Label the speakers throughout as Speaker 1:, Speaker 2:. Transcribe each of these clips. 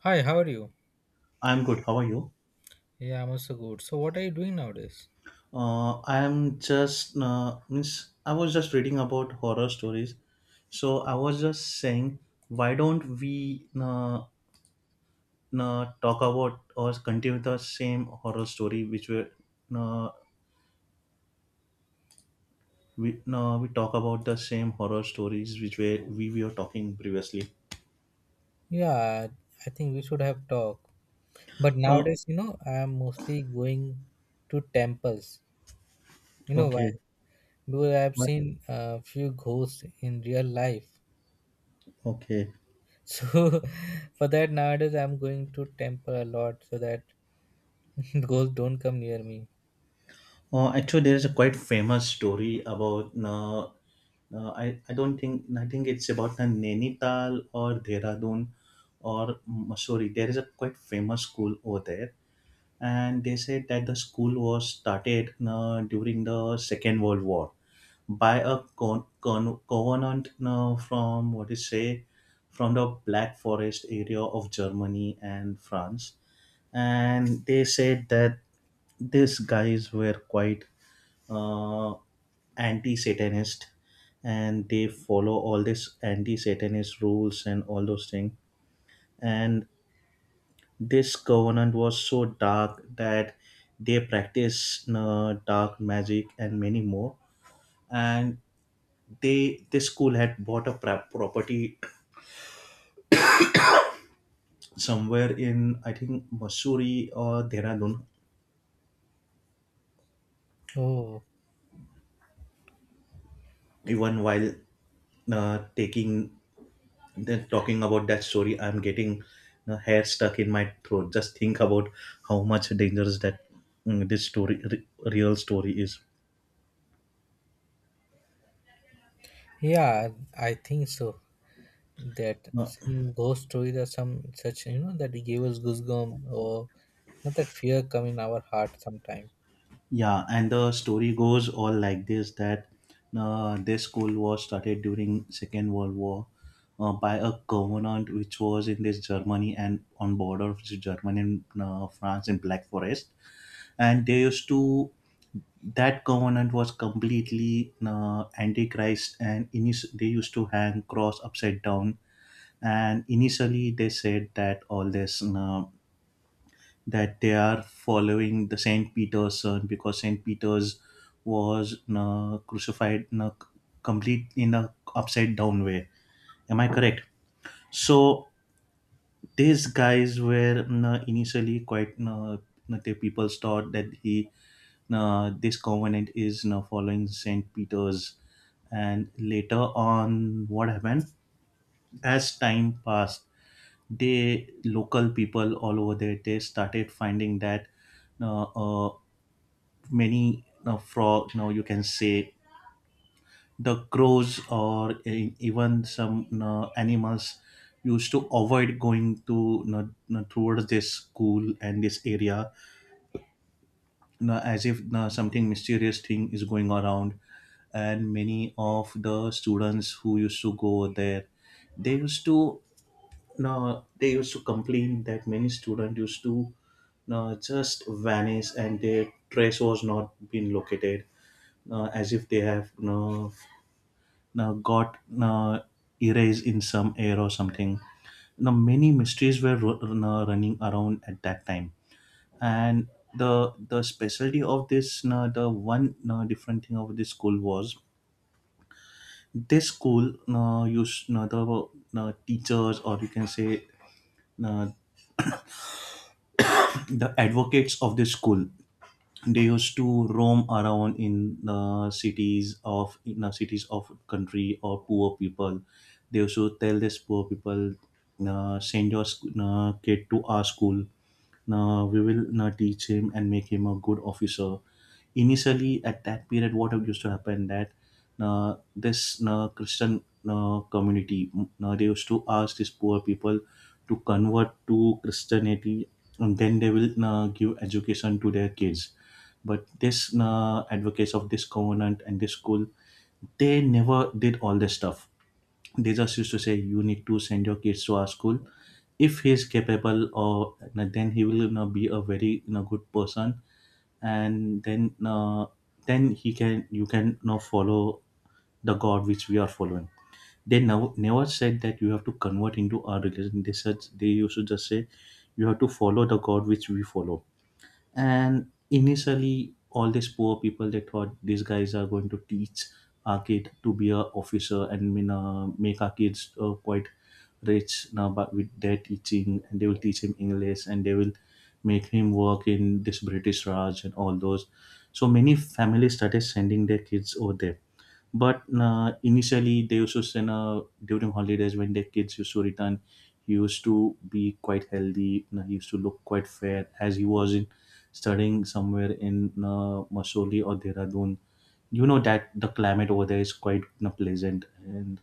Speaker 1: Hi, how are you?
Speaker 2: I'm good. How are you?
Speaker 1: Yeah, I'm also good. So, what are you doing nowadays?
Speaker 2: I am just means I was just reading about horror stories, so I was just saying, why don't we talk about or continue the same horror story which were uh, we talk about the same horror stories which we were talking previously.
Speaker 1: Yeah, I think we should have talk. But
Speaker 2: Uh,
Speaker 1: nowadays, you know, I am mostly going to temples. You know
Speaker 2: okay.
Speaker 1: why? Because I have
Speaker 2: Why-
Speaker 1: seen a few ghosts in real life.
Speaker 2: Okay.
Speaker 1: So for that nowadays I'm going to temple a lot so that ghosts don't come near me.
Speaker 2: Actually, there is a quite famous story about. I don't think I think it's about Nainital or Dehradun or Mussoorie. There is a quite famous school over there, and they said that the school was started during the Second World War by a covenant from what is say from the Black Forest area of Germany and France, and they said that these guys were quite uh, anti-satanist, and they follow all this anti-satanist rules and all those things. And this covenant was so dark that they practice dark magic and many more. And they this school had bought a property somewhere in I think Missouri or Dehradun.
Speaker 1: Oh,
Speaker 2: Even while taking then talking about that story, I'm getting the hair stuck in my throat just think about how much dangerous that mm, this story re- real story is.
Speaker 1: yeah, I think so. That
Speaker 2: Uh,
Speaker 1: some ghost stories or some such, you know, that gave us goosebumps or you know that fear come in our heart sometime.
Speaker 2: yeah, and the story goes all like this that this school was started during Second World War by a covenant which was in this Germany and on border of Germany and France in Black Forest. And they used to, that covenant was completely antichrist, and they used to hang cross upside down. And initially they said that all this, that they are following the Saint Peter's son, because Saint Peter's was crucified in a upside down way. Am I correct? So these guys were initially quite the people thought that he this covenant is now following Saint Peter's, and later on, what happened? As time passed, they local people all over there they started finding that uh, uh, many frog, now you can say, the crows or even some you animals used to avoid going to, towards this school and this area, as if something mysterious thing is going around. And many of the students who used to go there, they used to, no, they used to complain that many students used to, no, just vanish and their trace was not been located, no, as if they have, no, no, got, no, erased in some air or something. Now many mysteries were no, running around at that time. And the specialty of this, no, the one, no, different thing of this school was this school, no, used, no, the, no, teachers or you can say, no, the advocates of this school, they used to roam around in the cities of country or poor people. They also tell this poor people, send your kid to our school. We will teach him and make him a good officer. Initially at that period what used to happen that this Christian community, they used to ask these poor people to convert to Christianity, and then they will give education to their kids. But this advocates of this covenant and this school, they never did all this stuff. They just used to say, you need to send your kids to our school. If he is capable, or then he will, be a very, good person, and then he can, you can now follow the God which we are following. They now never said that you have to convert into our religion. They said, they used to just say, you have to follow the God which we follow. And initially, all these poor people they thought these guys are going to teach our kid to be a officer and make our kids quite rich now, but with their teaching, and they will teach him English, and they will make him work in this British Raj and all those. So many families started sending their kids over there, but initially, they used to send during holidays when their kids used to return. He used to be quite healthy. He used to look quite fair, as he was in studying somewhere in Masoli or Dehradun. You know that the climate over there is quite, pleasant, and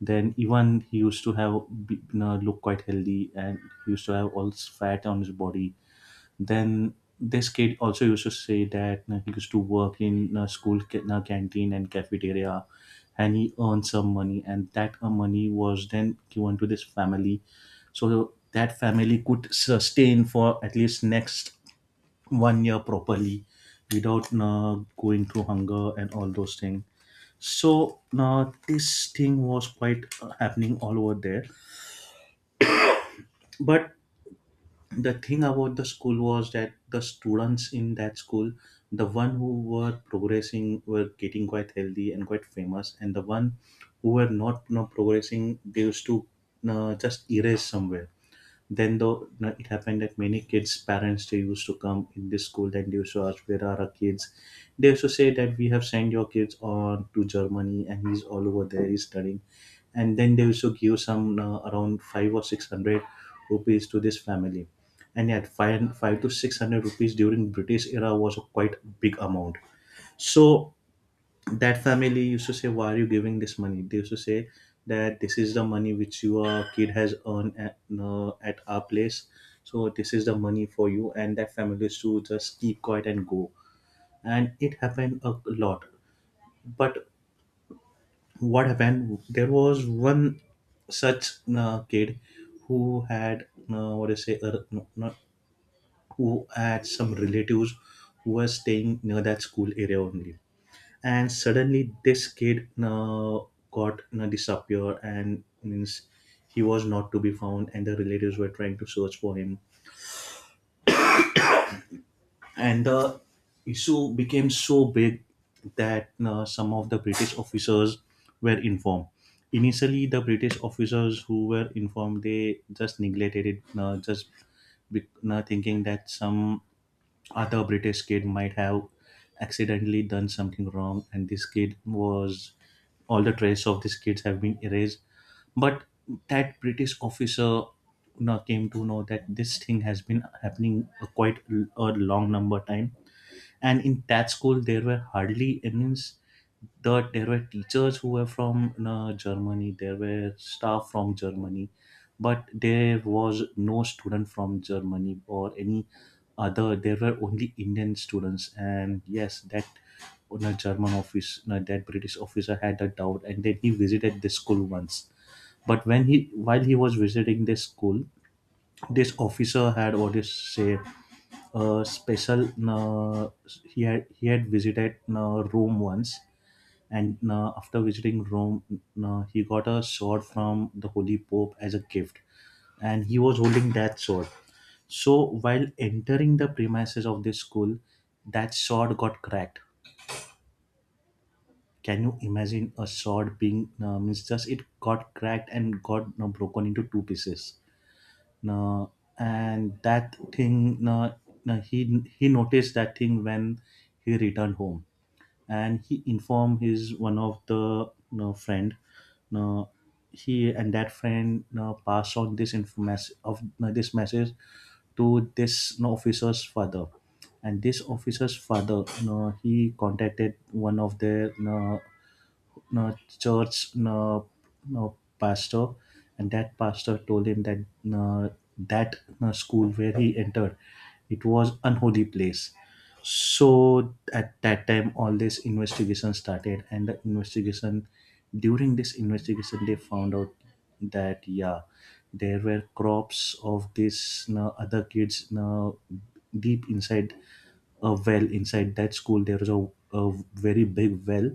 Speaker 2: then even he used to have be- you know, look quite healthy, and he used to have all this fat on his body. Then this kid also used to say that he used to work in a school canteen and cafeteria, and he earned some money, and that money was then given to this family, so that family could sustain for at least next one year properly, without going through hunger and all those things. So now this thing was quite happening all over there, but the thing about the school was that the students in that school, the one who were progressing were getting quite healthy and quite famous, and the one who were not, progressing, they used to just erase somewhere. Then though it happened that many kids' parents they used to come in this school and they used to ask, where are our kids? They used to say that we have sent your kids on to Germany, and he's all over there, he's studying. And then they used to give some, around five or six hundred rupees to this family. And yet five to six hundred rupees during British era was a quite big amount. So that family used to say, why are you giving this money? They used to say that this is the money which your kid has earned at our place, so this is the money for you, and that family used to just keep quiet and go. And it happened a lot. But what happened, there was one such kid who had, what do you say, no, not, who had some relatives who were staying near that school area only. And suddenly this kid got, disappeared, and means he was not to be found, and the relatives were trying to search for him. And the issue became so big that some of the British officers were informed. Initially the British officers who were informed, they just neglected it, be, thinking that some other British kid might have accidentally done something wrong, and this kid was, all the trace of these kids have been erased. But that British officer now came to know that this thing has been happening a long number time, and in that school there were hardly any there were teachers who were from Germany, there were staff from Germany, but there was no student from Germany or any other. There were only Indian students, and yes, that on a German office, no, that British officer had a doubt, and then he visited this school once. But while he was visiting this school, this officer had what is say a special. He had visited a room once, and after visiting Rome, he got a sword from the Holy Pope as a gift, and he was holding that sword. So while entering the premises of this school, that sword got cracked. Can you imagine a sword being, means, just it got cracked and got broken into two pieces. Uh, and that thing, he noticed that thing when he returned home, and he informed his one of the, friend, you know, he and that friend, passed on this information of, this message to this, officer's father. And this officer's father, he contacted one of their, uh, church, uh, pastor, and that pastor told him that uh, that school where he entered, it was unholy place. So at that time, all this investigation started, and the investigation during this investigation, they found out that, yeah, there were crops of this other kids deep inside a well inside that school. There was a very big well,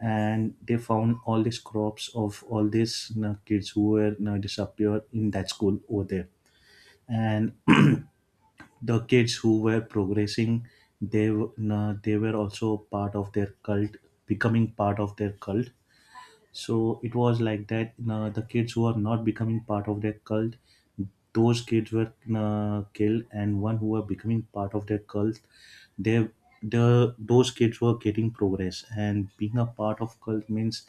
Speaker 2: and they found all these crops of all these kids who were disappeared in that school over there. And the kids who were progressing, they w- you know, they were also part of their cult, becoming part of their cult. So it was like that, the kids who are not becoming part of their cult, those kids were killed, and one who were becoming part of their cult, they, the those kids were getting progress. And being a part of cult means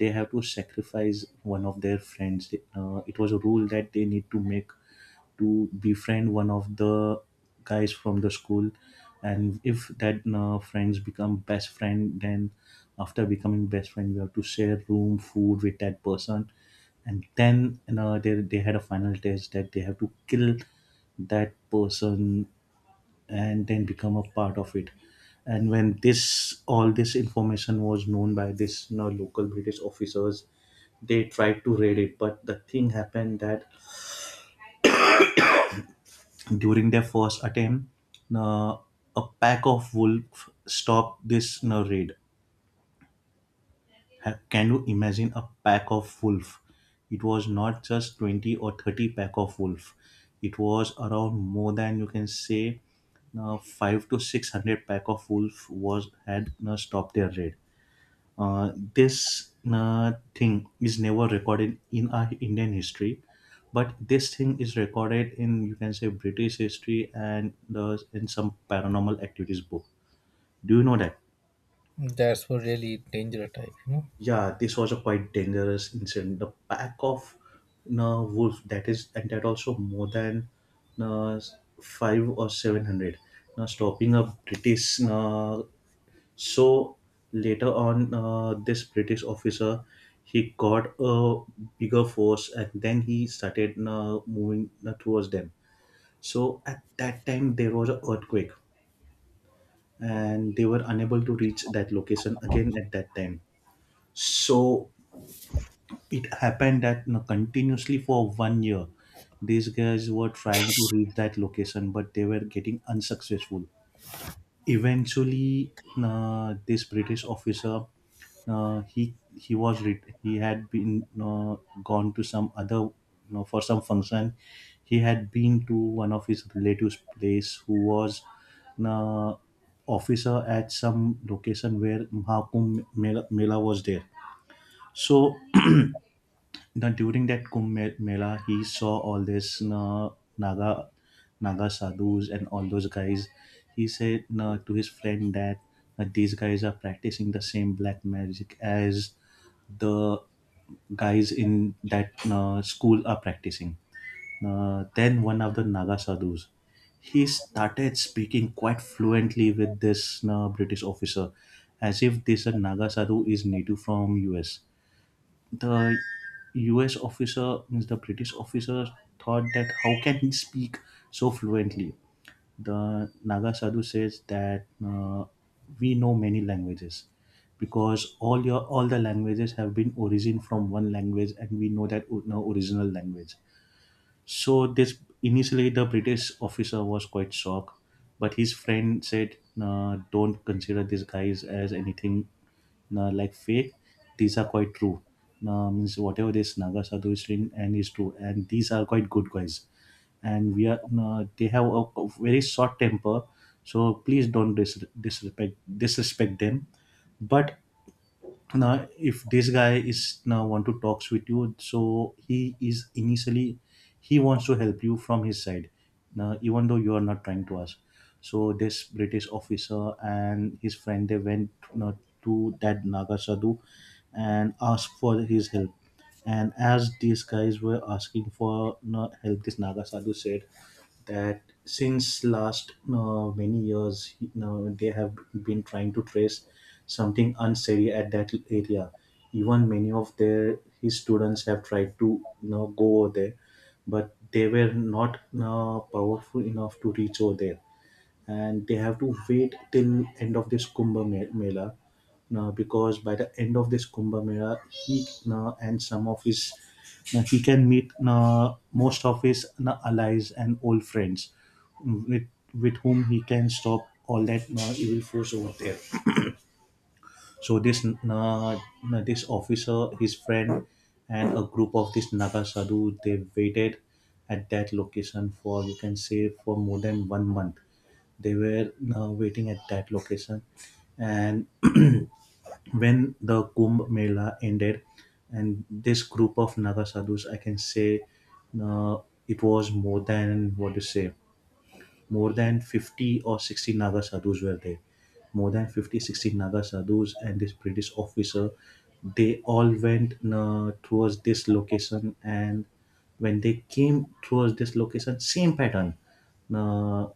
Speaker 2: they have to sacrifice one of their friends. It was a rule that they need to make to befriend one of the guys from the school. And if that friends become best friend, then after becoming best friend you have to share room food with that person. And then you know they had a final test that they have to kill that person and then become a part of it. And when this all this information was known by this local British officers, they tried to raid it, but the thing happened that during their first attempt, uh, a pack of wolves stopped this raid. Can you imagine a pack of wolf? It was not just 20 or 30 pack of wolf. It was around more than you can say five to six hundred pack of wolf was had stopped their raid. This thing is never recorded in our Indian history, but this thing is recorded in you can say British history and in some paranormal activities book. Do you know that?
Speaker 1: That's what really dangerous type, you know.
Speaker 2: Yeah, this was a quite dangerous incident. The pack of wolf, that is, and that also more than uh, five or seven hundred. Now stopping a British . So later on, this British officer, he got a bigger force, and then he started moving towards them. So at that time, there was an earthquake, and they were unable to reach that location again at that time. So it happened that continuously for 1 year, these guys were trying to reach that location, but they were getting unsuccessful. Eventually this British officer, he had been gone to some other, for some function. He had been to one of his relatives place who was uh, officer at some location where mahakumbh mela, mela was there. So now, during that Mela, he saw all this na, Naga Naga sadhus and all those guys. He said na, to his friend that these guys are practicing the same black magic as the guys in that school are practicing. Then one of the Naga sadhus, he started speaking quite fluently with this British officer, as if this Naga sadhu is native from US. The US officer, means the British officer, thought that how can he speak so fluently? The Naga Sadhu says that we know many languages because all your all the languages have been origin from one language, and we know that now original language. So this initially the British officer was quite shocked, but his friend said, "Nah, don't consider these guys as anything nah, like fake. These are quite true. Nah, means whatever this Naga Sadhu is doing and is true, and these are quite good guys. And we are nah, they have a very short temper, so please don't disrespect them." But now if this guy is now want to talks with you, so he is initially he wants to help you from his side, now even though you are not trying to ask. So this British officer and his friend, they went now to that Naga sadhu and asked for his help. And as these guys were asking for no help, this Naga sadhu said that since last many years, you know, they have been trying to trace something unsteady at that area. Even many of their his students have tried to you know go over there, but they were not powerful enough to reach over there, and they have to wait till end of this Mela. Now because by the end of this Kumbh Mela, he now and some of his, now he can meet now most of his now allies and old friends with with whom he can stop all that now evil force over there. So this na, this officer, his friend, and a group of this Naga sadhu, they waited at that location for you can say for more than 1 month. They were waiting at that location, and when the Kumbh Mela ended, and this group of Naga sadhus, I can say, uh, it was more than what you say, more than 50 or 60 Naga sadhus were there. More than 50, 60 Naga sadhus and this British officer, they all went towards this location. And when they came towards this location, same pattern. Uh,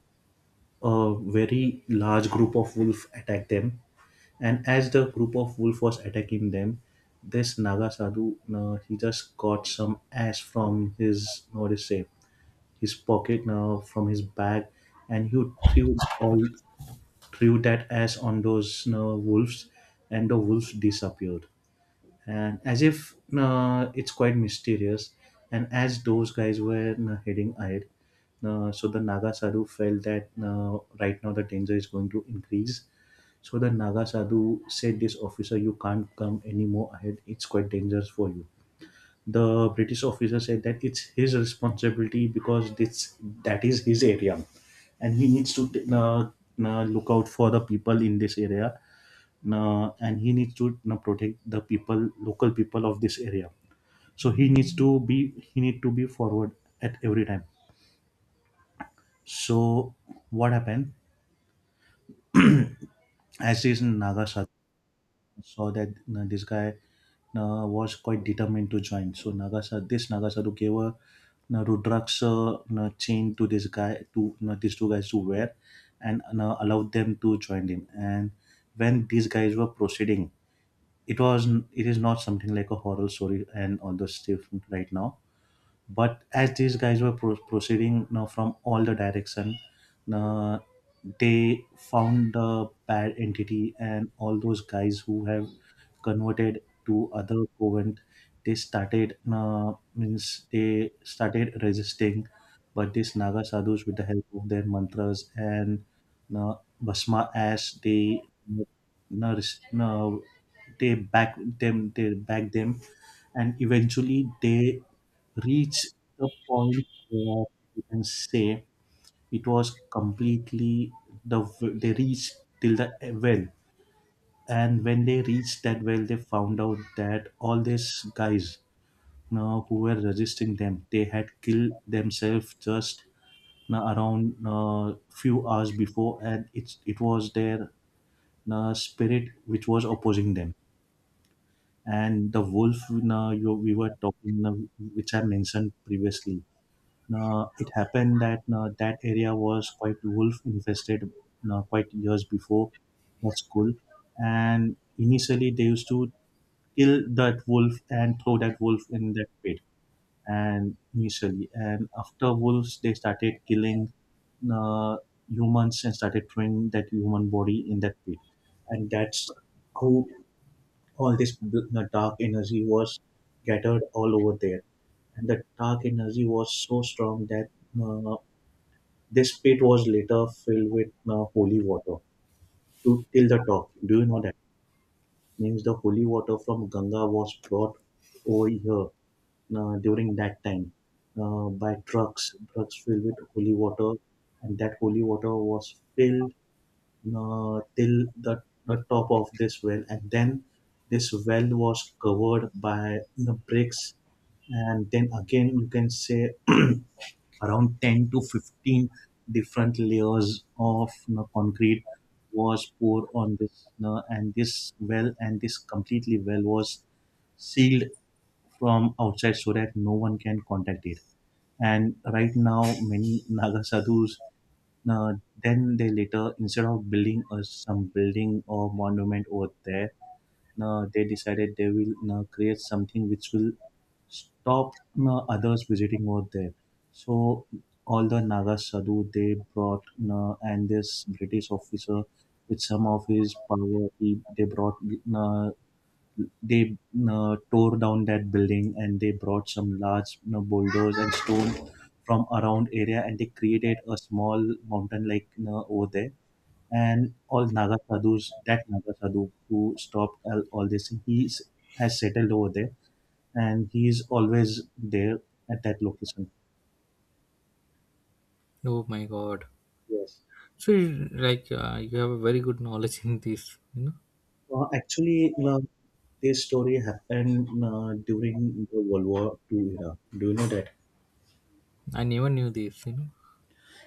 Speaker 2: a very large group of wolf attacked them. And as the group of wolf was attacking them, this Naga sadhu, he just got some ash from his, what do you say, his pocket now from his bag, and he threw all threw that ash on those wolves, and the wolves disappeared. And as if it's quite mysterious, and as those guys were heading ahead, so the Naga Sadhu felt that right now the danger is going to increase. So the Naga Sadhu said, "This officer, you can't come anymore ahead. It's quite dangerous for you." The British officer said that it's his responsibility because this that is his area, and he needs to uh, look out for the people in this area, and he needs to protect the people, local people of this area. So he need to be forward at every time. So what happened? As is in Nagasaki, saw that you this guy was quite determined to join. So Nagasaru, this Nagasaru gave a you Rudraksha, Rudraksa chain to this guy, to you these two guys to wear, and you allowed them to join him. And when these guys were proceeding, it is not something like a horror story and all those stuff right now, but as these guys were proceeding now from all the direction, uh, they found the bad entity and all those guys who have converted to other covent, they started means they started resisting, but these Naga sadhus with the help of their mantras and no basma as they no, no, they back them, and eventually they reach the point where you can say it was completely the, they reached till the well. And when they reached that well, they found out that all these guys now who were resisting them, they had killed themselves just now around few hours before, and it was their spirit which was opposing them. And the wolf, we were talking which I mentioned previously, it happened that that area was quite wolf infested quite years before that school. And initially they used to kill that wolf and throw that wolf in that pit. And initially and after wolves they started killing uh, humans and started throwing that human body in that pit. And that's how all this the dark energy was scattered all over there. And the dark energy was so strong that uh, this pit was later filled with holy water to till the top, do you know that? Means the holy water from ganga was brought over here during that time by trucks filled with holy water, and that holy water was filled till the top of this well. And then this well was covered by the bricks, and then again you can say around 10 to 15 different layers of concrete was poured on this and this well, and this completely well was sealed from outside so that no one can contact it. And right now many Naga sadhus, uh, then they later, instead of building us some building or monument over there, they decided they will create something which will stop others visiting over there. So all the Naga sadhu they brought and this British officer with some of his power, they brought uh, they tore down that building, and they brought some large boulders and stone from around area, and they created a small mountain like, over there. And all naga sadhus, that naga sadhu who stopped all this, has settled over there, and he is always there at that location.
Speaker 1: Oh my god.
Speaker 2: Yes,
Speaker 1: So, you- like, you have a very good knowledge in this, you know.
Speaker 2: actually this story happened during the World War Two era, do you know that?
Speaker 1: I never knew this, you know.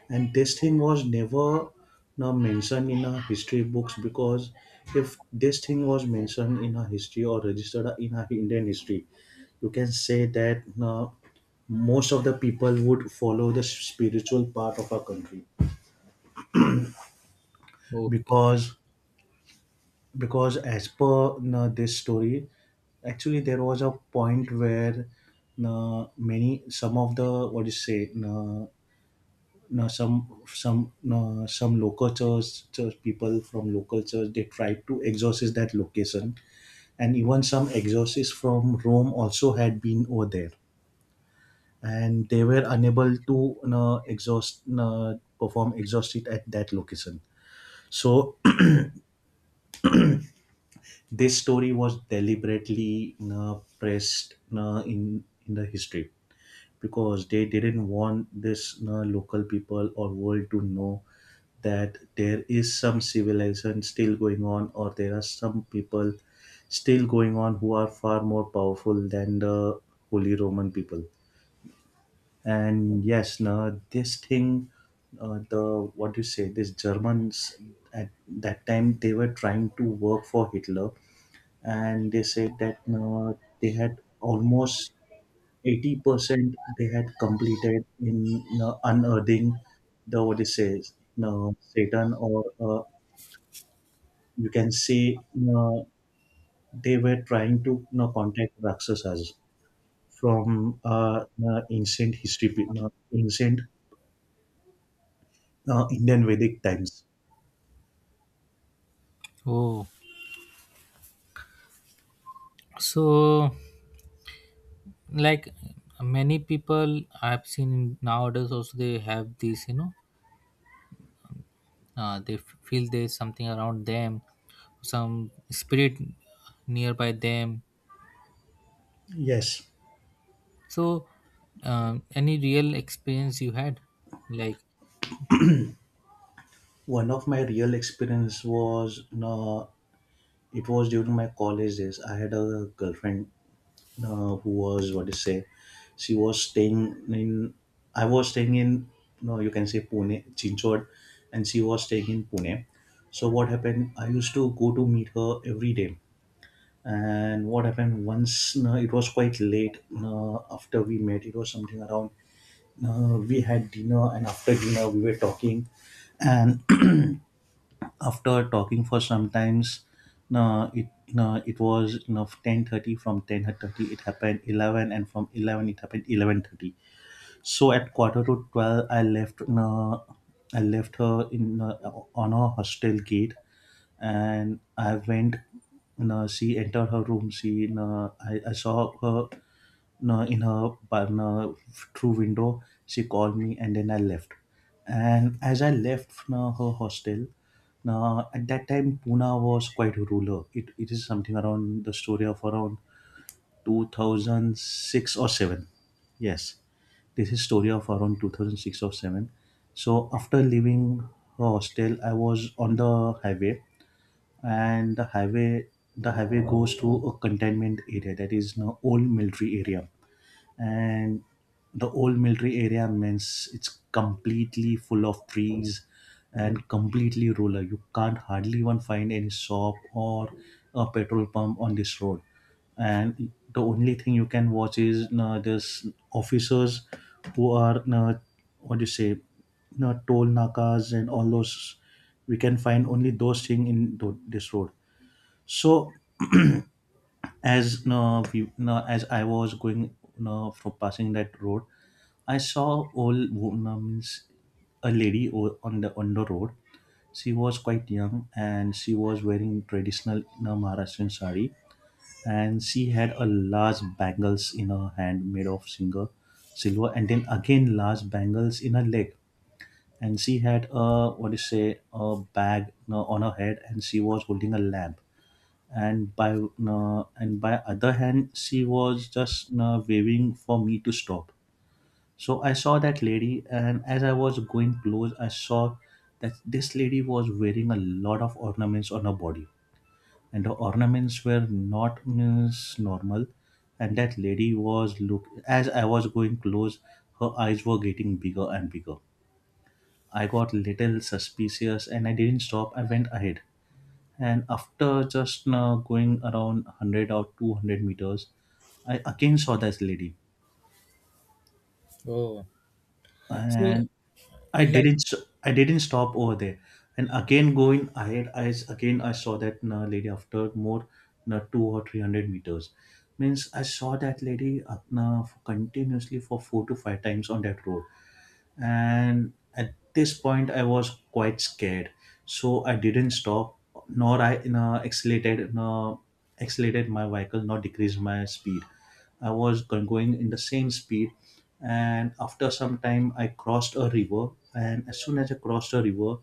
Speaker 2: And testing was never now mentioned in our history books, because if this thing was mentioned in our history or registered in our Indian history, you can say that most of the people would follow the spiritual part of our country.
Speaker 1: Okay.
Speaker 2: because because as per this story, actually there was a point where many some of the, what do you say, know, some local church church people from local church, they tried to exorcist that location. And even some exorcists from Rome also had been over there, and they were unable to, exhaust, perform exhaust at that location. So this story was deliberately, pressed, in the history, because they didn't want this local people or world to know that there is some civilization still going on, or there are some people still going on who are far more powerful than the holy Roman people. And yes, now this thing, the what do you say this Germans at that time, they were trying to work for Hitler. And they said that they had almost 80% they had completed in, unearthing the, what is says, Satan, or you can say, you know, they were trying to, contact Rakshasas from, ancient history, ancient Indian Vedic times.
Speaker 1: Oh, so like many people I've seen nowadays also they have this, you know, they f- feel there's something around them, some spirit nearby them.
Speaker 2: Yes,
Speaker 1: So, any real experience you had, like?
Speaker 2: one of my real experience was, it was during my college days. I had a girlfriend who was, what to say, she was staying in, i was staying in no, you can say Pune Chinchod, and she was staying in Pune. So what happened, I used to go to meet her every day. And what happened once, no, it was quite late, no, after we met, it was something around, no, we had dinner, and after dinner we were talking. And after talking for sometimes, uh, it it was, 10:30. From 10:30 it happened 11, and from 11 it happened 11:30. So at quarter to 12, I left her in on her hostel gate, and I went. She entered her room. I saw her, no, in her no, through window. She called me, and then I left. And as I left, no, her hostel, now at that time Pune was quite rural. It is something around the story of around 2006 or 7. Yes, this is story of around 2006 or 7. So after leaving hostel, I was on the highway, and the highway, goes to a containment area, that is an old military area. And the old military area means it's completely full of trees and completely rural. You can't hardly one find any shop or a petrol pump on this road. And the only thing you can watch is this officers who are what do you say toll nakas and all those. We can find only those thing in this road. So as, no, no, as I was going, no, for passing that road, I saw old woman, means a lady on the road. She was quite young, and she was wearing traditional, Maharashtrian sari. And she had a large bangles in her hand made of singer silver, and then again large bangles in her leg. And she had a, what do you say, a bag, on her head, and she was holding a lamp. And by other hand, she was just waving for me to stop. So I saw that lady, and as I was going close, I saw that this lady was wearing a lot of ornaments on her body, and the ornaments were not, means normal. And that lady was look, as I was going close, her eyes were getting bigger and bigger. I got little suspicious, and I didn't stop, I went ahead. And after just going around 100 or 200 meters, I again saw this lady.
Speaker 1: Oh, so
Speaker 2: And I
Speaker 1: it like
Speaker 2: didn't I didn't stop over there. And again going ahead, I again I saw that lady after more 2 or 300 meters. Means I saw that lady continuously for 4 to 5 times on that road. And at this point I was quite scared. So I didn't stop, nor I, accelerated, no, accelerated my vehicle, nor decreased my speed. Going in the same speed. And after some time I crossed a river, and as soon as I crossed a river,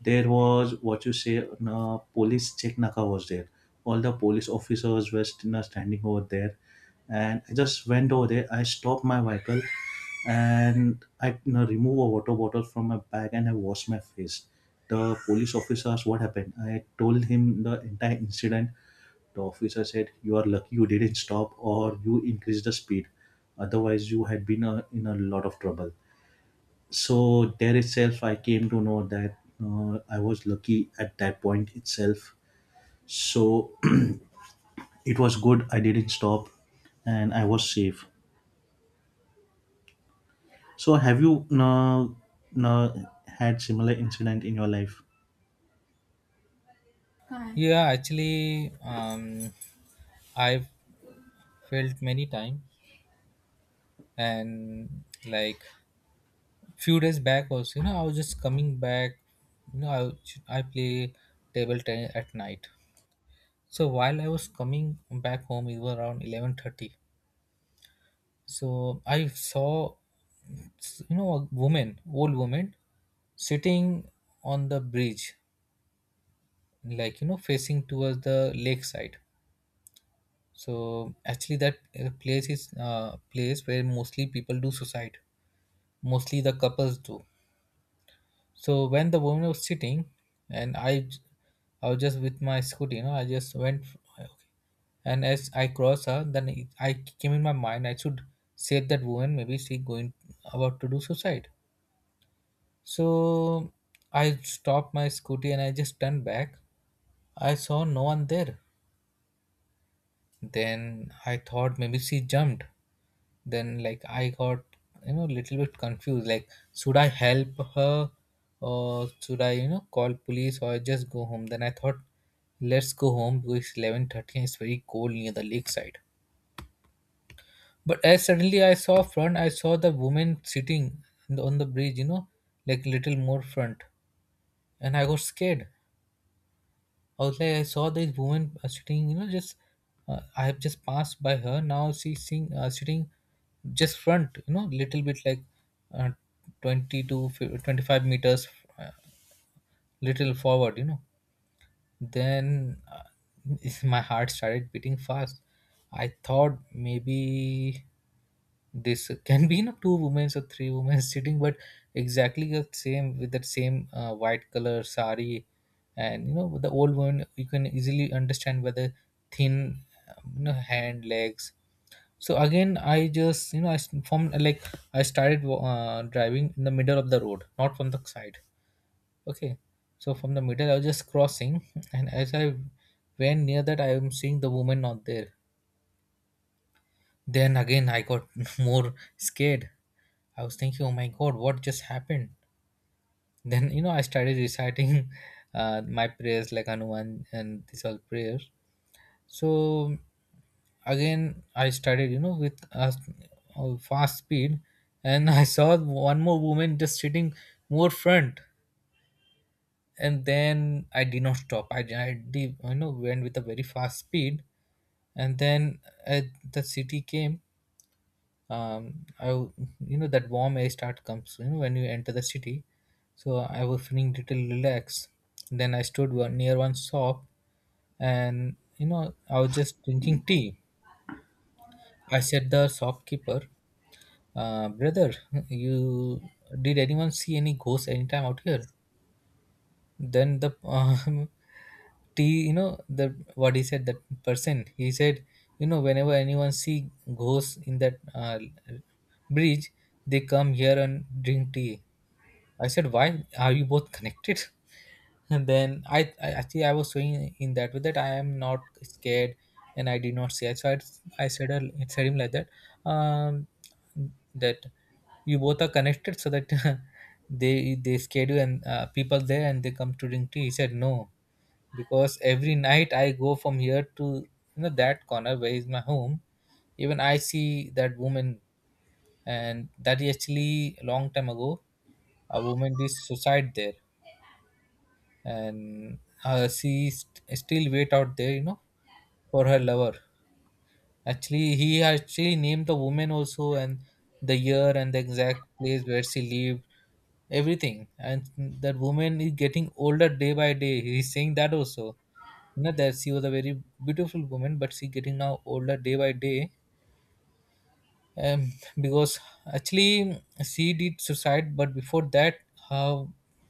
Speaker 2: there was, what you say, police check naka was there. All the police officers were you know, standing over there. And I just went over there, I stopped my vehicle, and I, remove a water bottle from my bag, and I wash my face. The police officer asked what happened. I told him the entire incident. The officer said, "You are lucky you didn't stop or you increased the speed. Otherwise, you had been in a lot of trouble." So there itself, I came to know that I was lucky at that point itself. So it was good. I didn't stop, and I was safe. So have you now had similar incident in your life?
Speaker 1: yeah, actually, I've felt many times, and like few days back also, you know, I was just coming back. You know, I was- I play table tennis at night. So while I was coming back home, it was around 11:30. So I saw, you know, a woman, old woman, sitting on the bridge, like you know, facing towards the lakeside. So actually that place is place where mostly people do suicide, mostly the couples do. So when the woman was sitting and I was just with my scooter, you know, I just went okay. And as I crossed her then I came in my mind I should save that woman, maybe she going about to do suicide. So I stopped my scooter and I just turned back. I saw no one there. Then I thought maybe she jumped. Then like I got, you know, little bit confused, like should I help her or should i, you know, call police or just go home? Then I thought let's go home because it's 11:30 and it's very cold near the lakeside. But as suddenly I saw front, I saw the woman sitting on the bridge, you know, like little more front, and I got scared. I was like, I saw this woman sitting, you know, just I have just passed by her. Now she's sitting, sitting just front, you know, little bit like uh, 20 to fi- 25 meters, uh, little forward, you know. Then my heart started beating fast. I thought maybe this can be, you know, two women or three women sitting, but exactly the same with that same white color sari. And you know with the old woman you can easily understand whether thin, you know, hand legs. So again I just, you know, from like I started driving in the middle of the road, not from the side. Okay. So from the middle I was just crossing and as I went near that, I am seeing the woman not there. Then again, I got more scared. I was thinking, oh my god, what just happened? Then, you know, I started reciting my prayers like Hanuman and these all prayers. So, again, I started, you know, with a fast speed and I saw one more woman just sitting more front. And then I did not stop. I did, you know, went with a very fast speed. And then uh, the city came. um i w- you know that warm air start comes, you know, when you enter the city. So I was feeling little relaxed. Then I stood near one shop, and you know I was just drinking tea. I said the shopkeeper, "Uh, brother, you did anyone see any ghost anytime out here?" Then the t you know the what he said, that person, he said, "You know whenever anyone see ghosts in that bridge, they come here and drink tea." I said, "Why are you both connected?" And then I actually I was saying in that way that I am not scared and I did not see it. So I said, I said him like that. Um, that you both are connected so that they schedule and people there and they come to drink tea. He said no, "Because every night I go from here to, you know, that corner where is my home, even I see that woman. And that is actually a long time ago, a woman did suicide there. And she st- still wait out there, you know, for her lover." Actually, he actually named the woman also, and the year and the exact place where she lived, everything. And that woman is getting older day by day. He's saying that also. You know that she was a very beautiful woman, but she getting now older day by day. Um, because actually she did suicide, but before that, her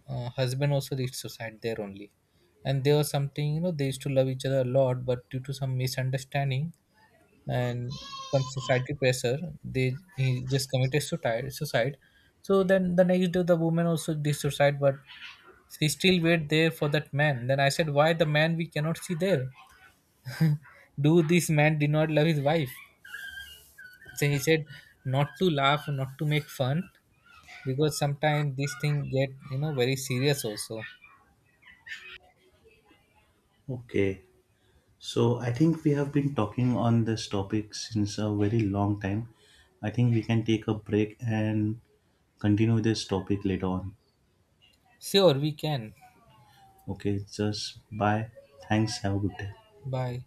Speaker 1: husband also did suicide there only. And there was something, you know, they used to love each other a lot, but due to some misunderstanding and some societal pressure, they he just committed suicide. So then the next day the woman also did suicide, but she still wait there for that man. Then I said, "Why the man we cannot see there? Do this man did not love his wife?" So he said not to laugh, not to make fun, because sometimes this thing get, you know, very serious also.
Speaker 2: Okay. So I think we have been talking on this topic since a very long time. I think we can take a break and continue this topic later on.
Speaker 1: Sure, we can.
Speaker 2: Okay, just bye. Thanks. Have a good day.
Speaker 1: Bye.